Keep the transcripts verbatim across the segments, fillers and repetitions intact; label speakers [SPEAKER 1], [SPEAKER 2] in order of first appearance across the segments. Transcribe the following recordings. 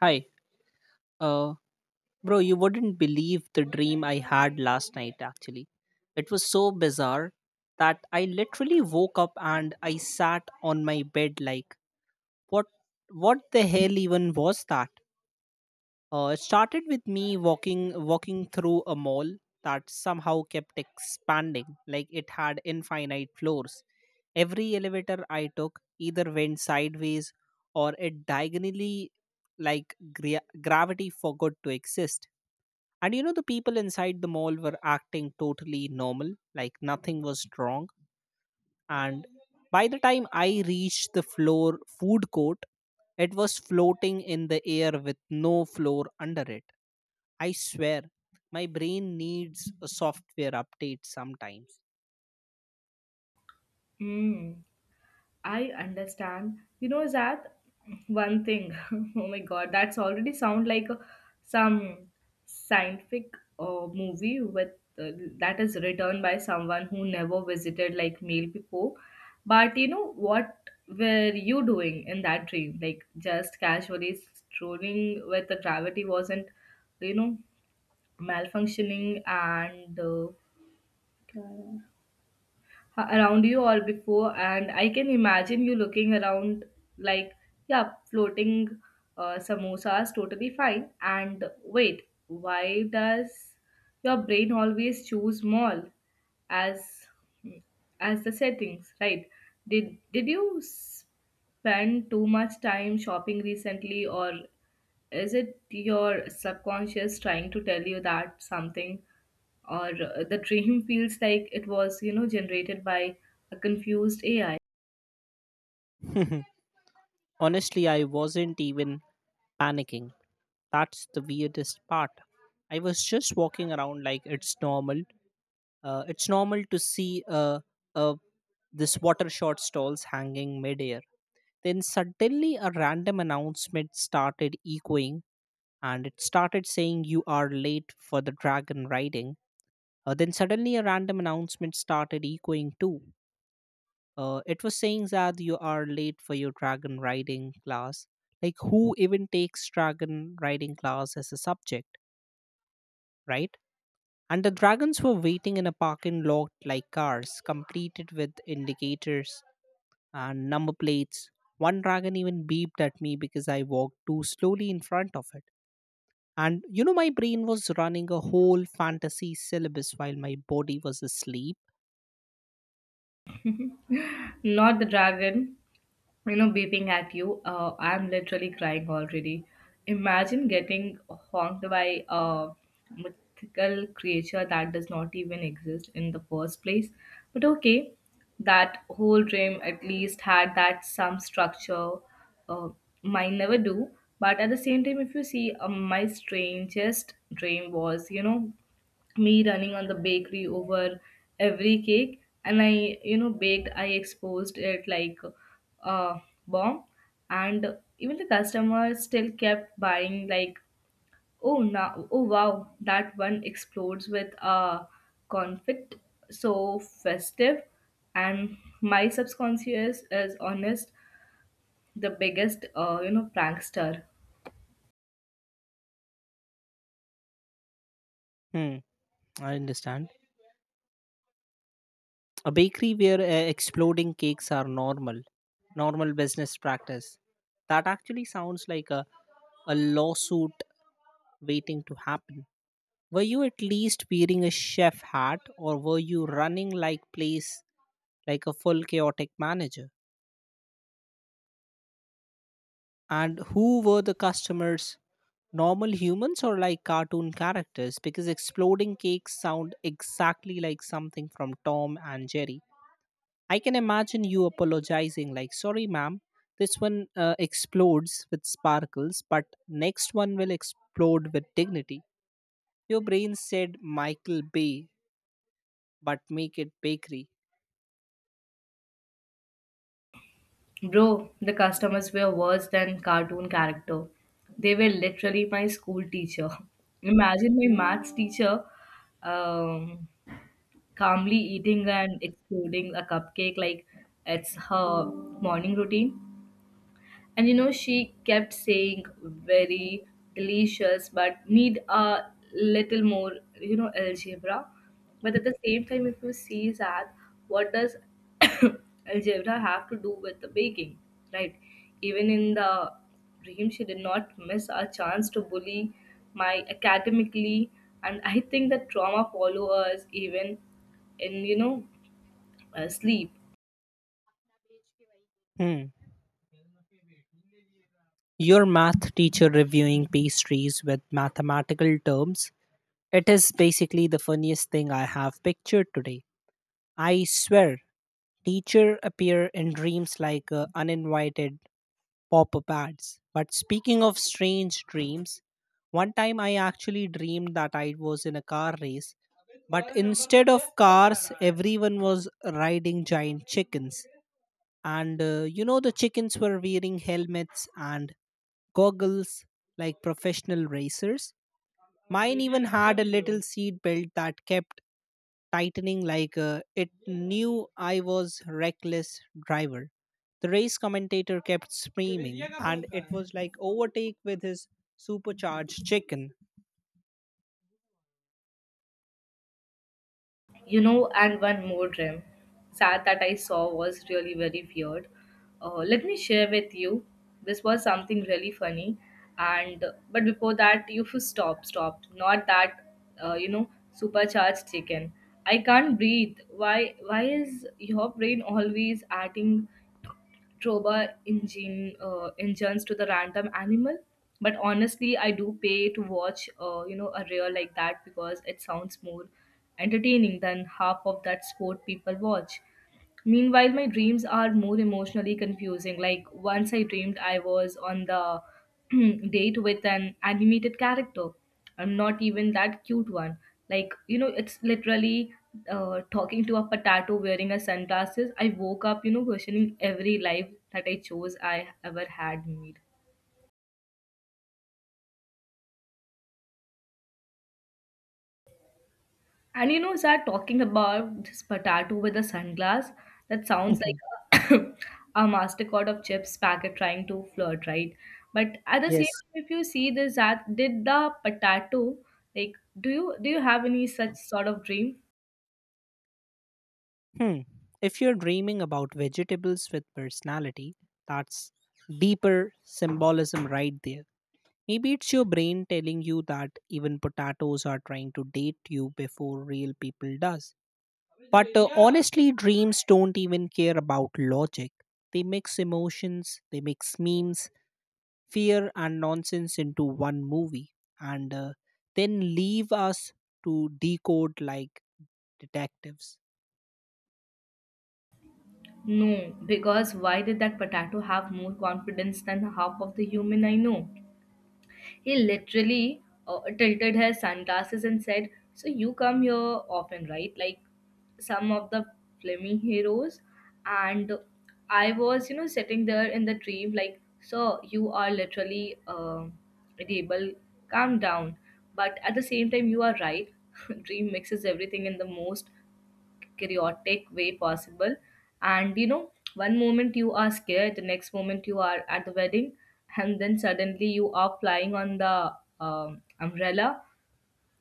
[SPEAKER 1] Hi. Uh, Bro, you wouldn't believe the dream I had last night, actually. It was so bizarre that I literally woke up and I sat on my bed like, what what the hell even was that? Uh, it started with me walking walking through a mall that somehow kept expanding, like it had infinite floors. Every elevator I took either went sideways or it diagonally like gra- gravity forgot to exist. And you know, the people inside the mall were acting totally normal, like nothing was wrong. And by the time I reached the floor food court, it was floating in the air with no floor under it. I swear, my brain needs a software update sometimes.
[SPEAKER 2] Hmm, I understand. You know, that one thing. Oh my God, that's already sound like a, some scientific uh, movie with uh, that is written by someone who never visited like mail before. But you know, what were you doing in that dream? Like just casually strolling with the gravity wasn't, you know, malfunctioning and uh, around you or before and I can imagine you looking around like yeah floating uh, samosas totally fine and wait why does your brain always choose mall as as the settings, right? Did did you spend too much time shopping recently or is it your subconscious trying to tell you that something or uh, the dream feels like it was, you know, generated by a confused A I,
[SPEAKER 1] Honestly, I wasn't even panicking. That's the weirdest part. I was just walking around like it's normal. Uh, it's normal to see a, a this water short stalls hanging midair. Then suddenly a random announcement started echoing and it started saying you are late for the dragon riding. Uh, then suddenly a random announcement started echoing too. Uh, it was saying that you are late for your dragon riding class. Like who even takes dragon riding class as a subject, right? And the dragons were waiting in a parking lot like cars, completed with indicators and number plates. One dragon even beeped at me because I walked too slowly in front of it. And you know, my brain was running a whole fantasy syllabus while my body was asleep.
[SPEAKER 2] not the dragon you know beeping at you, uh, I'm literally crying already. Imagine getting honked by a mythical creature that does not even exist in the first place. But okay, that whole dream at least had that some structure. uh, Mine never do. But at the same time, if you see uh, my strangest dream was, you know, me running on the bakery over every cake and I you know baked, I exposed it like a bomb. And even the customers still kept buying like, oh now, oh wow, that one explodes with a confit, so festive. And my subconscious is honest, the biggest uh, you know prankster.
[SPEAKER 1] Hmm, I understand. A bakery where uh, exploding cakes are normal, normal business practice. That actually sounds like a, a lawsuit waiting to happen. Were you at least wearing a chef hat or were you running like place like a full chaotic manager? And who were the customers? Normal humans or like cartoon characters? Because exploding cakes sound exactly like something from Tom and Jerry. I can imagine you apologizing, like, sorry, ma'am, this one uh, explodes with sparkles, but next one will explode with dignity. Your brain said Michael Bay, but make it bakery.
[SPEAKER 2] Bro, the customers were worse than cartoon character. They were literally my school teacher. Imagine my maths teacher um, calmly eating and exploding a cupcake like it's her morning routine. And you know, she kept saying very delicious, but need a little more, you know, algebra. But at the same time, if you see that, what does algebra have to do with the baking, right? Even in the dream, she did not miss a chance to bully my academically, and I think that trauma follow us even in you know uh, sleep.
[SPEAKER 1] Hmm. Your math teacher reviewing pastries with mathematical terms, it is basically the funniest thing I have pictured today. I swear, teacher appear in dreams like uh, uninvited pop-up ads. But speaking of strange dreams, one time I actually dreamed that I was in a car race, but instead of cars, everyone was riding giant chickens. And uh, you know, the chickens were wearing helmets and goggles like professional racers. Mine even had a little seat belt that kept tightening like uh, it knew I was reckless driver. The race commentator kept screaming, and it was like overtake with his supercharged chicken.
[SPEAKER 2] You know, and one more dream sad that I saw was really very weird. Uh, let me share with you. This was something really funny. And but before that you should stop stop not that uh, you know supercharged chicken. I can't breathe. Why why is your brain always adding Trova engine uh, engines to the random animal? But honestly, I do pay to watch uh, you know a reel like that because it sounds more entertaining than half of that sport people watch. Meanwhile, my dreams are more emotionally confusing. Like once I dreamed I was on the date with an animated character. I'm not even that cute one. Like, you know, it's literally uh, talking to a potato wearing a sunglasses. I woke up, you know, questioning every life that I chose I ever had made. And you know, Zara, talking about this potato with a sunglass, that sounds like a, a MasterCard of chips packet trying to flirt, right? But at the same
[SPEAKER 1] Yes.
[SPEAKER 2] time, if you see this, that did the potato, like, do you do you have any such sort of dream?
[SPEAKER 1] Hmm. If you're dreaming about vegetables with personality, that's deeper symbolism right there. Maybe it's your brain telling you that even potatoes are trying to date you before real people does. But uh, honestly, dreams don't even care about logic. They mix emotions, they mix memes, fear, and nonsense into one movie, and uh, then leave us to decode like detectives.
[SPEAKER 2] No, because why did that potato have more confidence than half of the human I know? He literally uh, tilted his sunglasses and said, so you come here often, right? Like some of the Fleming heroes. And I was, you know, sitting there in the dream, like, so you are literally uh, able, calm down. But at the same time, you are right. Dream mixes everything in the most chaotic way possible. And you know, one moment you are scared, the next moment you are at the wedding, and then suddenly you are flying on the um, umbrella.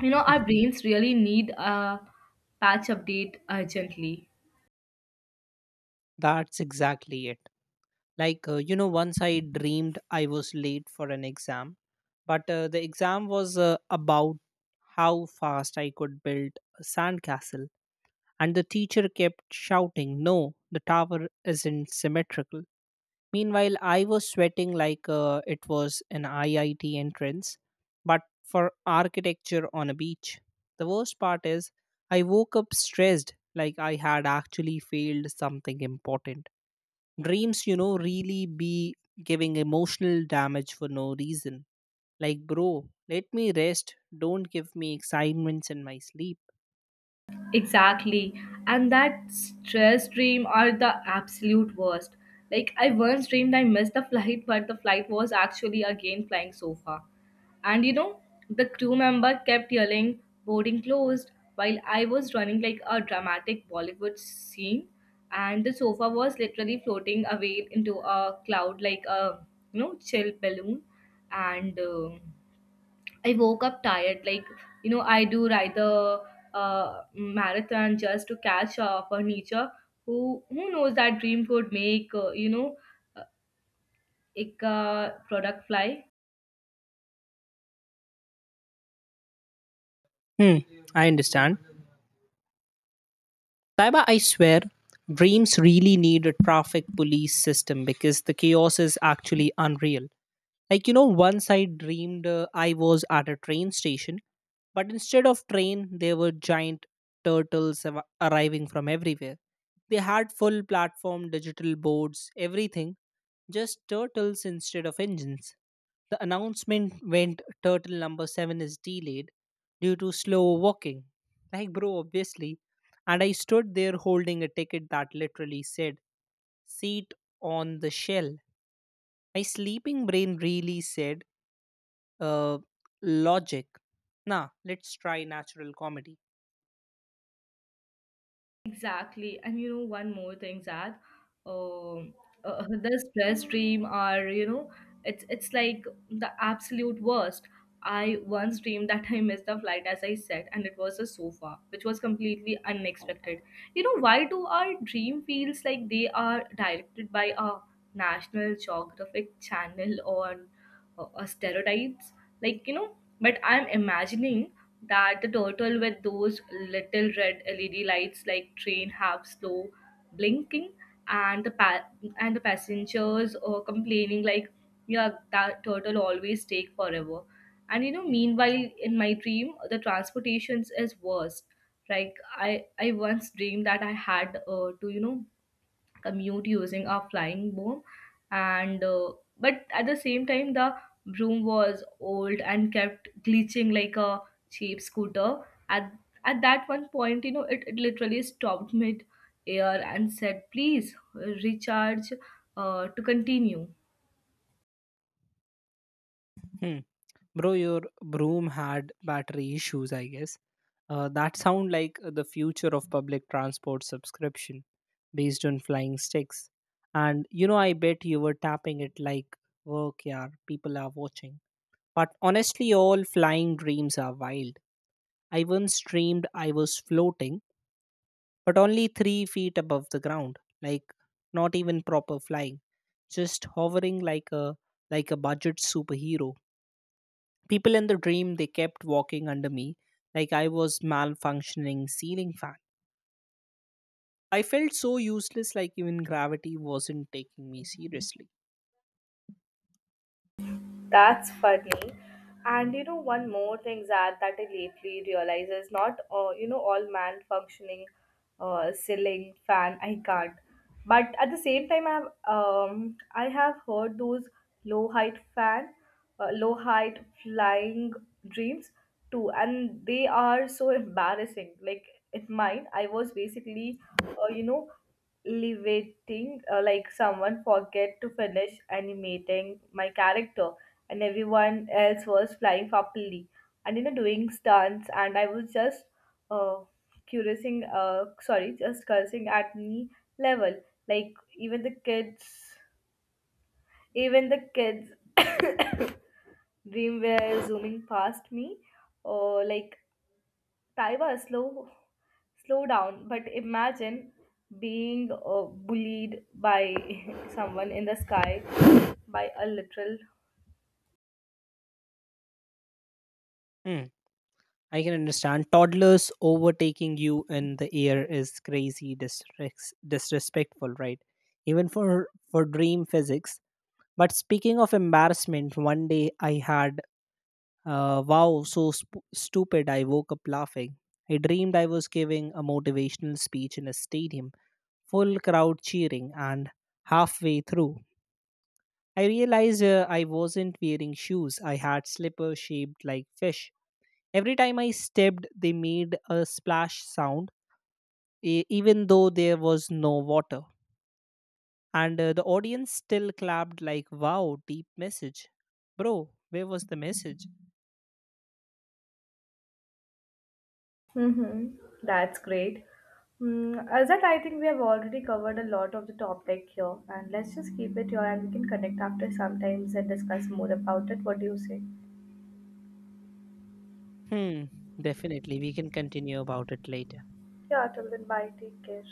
[SPEAKER 2] You know, our brains really need a patch update urgently.
[SPEAKER 1] That's exactly it. Like, uh, you know, once I dreamed I was late for an exam, but uh, the exam was uh, about how fast I could build a sandcastle and the teacher kept shouting, no, the tower isn't symmetrical. Meanwhile, I was sweating like uh, it was an I I T entrance, but for architecture on a beach. The worst part is, I woke up stressed like I had actually failed something important. Dreams, you know, really be giving emotional damage for no reason. Like, bro, let me rest. Don't give me excitements in my sleep.
[SPEAKER 2] Exactly. And that stress dream are the absolute worst. Like I once dreamed I missed the flight, but the flight was actually again flying so far. And you know, the crew member kept yelling, boarding closed, while I was running like a dramatic Bollywood scene. And the sofa was literally floating away into a cloud like a, you know, chill balloon. And um I woke up tired. Like, you know, I do ride the uh, marathon just to catch up on nature. Who who knows that dream could make, uh, you know, uh, a uh, product fly?
[SPEAKER 1] Hmm, I understand. Taiba, I swear, dreams really need a traffic police system because the chaos is actually unreal. Like, you know, once I dreamed uh, I was at a train station, but instead of train, there were giant turtles av- arriving from everywhere. They had full platform, digital boards, everything just turtles instead of engines. The announcement went turtle number seven is delayed due to slow walking. Like, bro, obviously. And I stood there holding a ticket that literally said, seat on the shell. My sleeping brain really said, uh, logic. Nah, let's try natural comedy.
[SPEAKER 2] Exactly. And you know, one more thing, Zad, um, uh, this stress dream are, you know, it's it's like the absolute worst. I once dreamed that I missed the flight, as I said, and it was a sofa, which was completely unexpected. You know, why do our dream feels like they are directed by a National Geographic channel or uh, uh, stereotypes? Like, you know, but I'm imagining that the turtle with those little red L E D lights like train have slow blinking and the pa- and the passengers are complaining like, yeah that turtle always take forever. And you know, meanwhile in my dream the transportations is worse. Like i i once dreamed that I had uh, to you know commute using a flying broom. And uh, But at the same time, the broom was old and kept glitching like a cheap scooter at at that one point, you know, it, it literally stopped mid air and said, please recharge uh, to continue.
[SPEAKER 1] Hmm. Bro, your broom had battery issues, I guess. Uh, that sound like the future of public transport subscription based on flying sticks. And you know, I bet you were tapping it like, work, yeah, people are watching. But honestly, all flying dreams are wild. I once dreamed I was floating, but only three feet above the ground, like not even proper flying, just hovering like a like a budget superhero. People in the dream they kept walking under me, like I was malfunctioning ceiling fan. I felt so useless, like even gravity wasn't taking me seriously.
[SPEAKER 2] That's funny. And you know, one more thing, Zad, that I lately realize is not, uh, you know, all man functioning, uh, ceiling fan. I can't. But at the same time, I have, um, I have heard those low height fan, uh, low height flying dreams too, and they are so embarrassing. Like in mine, I was basically, uh, you know, levating uh, like someone forget to finish animating my character. And everyone else was flying properly and you know doing stunts, and I was just uh cursing uh sorry just cursing at me level. Like even the kids even the kids dream were zooming past me, or like, taiwa, slow slow down. But imagine being uh, bullied by someone in the sky, by a literal.
[SPEAKER 1] Hmm, I can understand. Toddlers overtaking you in the air is crazy, disres- disrespectful, right? Even for for dream physics. But speaking of embarrassment, one day I had uh, wow, so sp- stupid. I woke up laughing. I dreamed I was giving a motivational speech in a stadium, full crowd cheering, and halfway through, I realized uh, I wasn't wearing shoes. I had slippers shaped like fish. Every time I stepped, they made a splash sound, e- even though there was no water. And uh, the audience still clapped, like, wow, deep message. Bro, where was the message?
[SPEAKER 2] Mm-hmm. That's great. Mm, Azad, I think we have already covered a lot of the topic here, and let's just keep it here and we can connect after sometimes and discuss more about it. What do you say?
[SPEAKER 1] Hmm, definitely. We can continue about it later.
[SPEAKER 2] Yeah, till then, bye. Take care.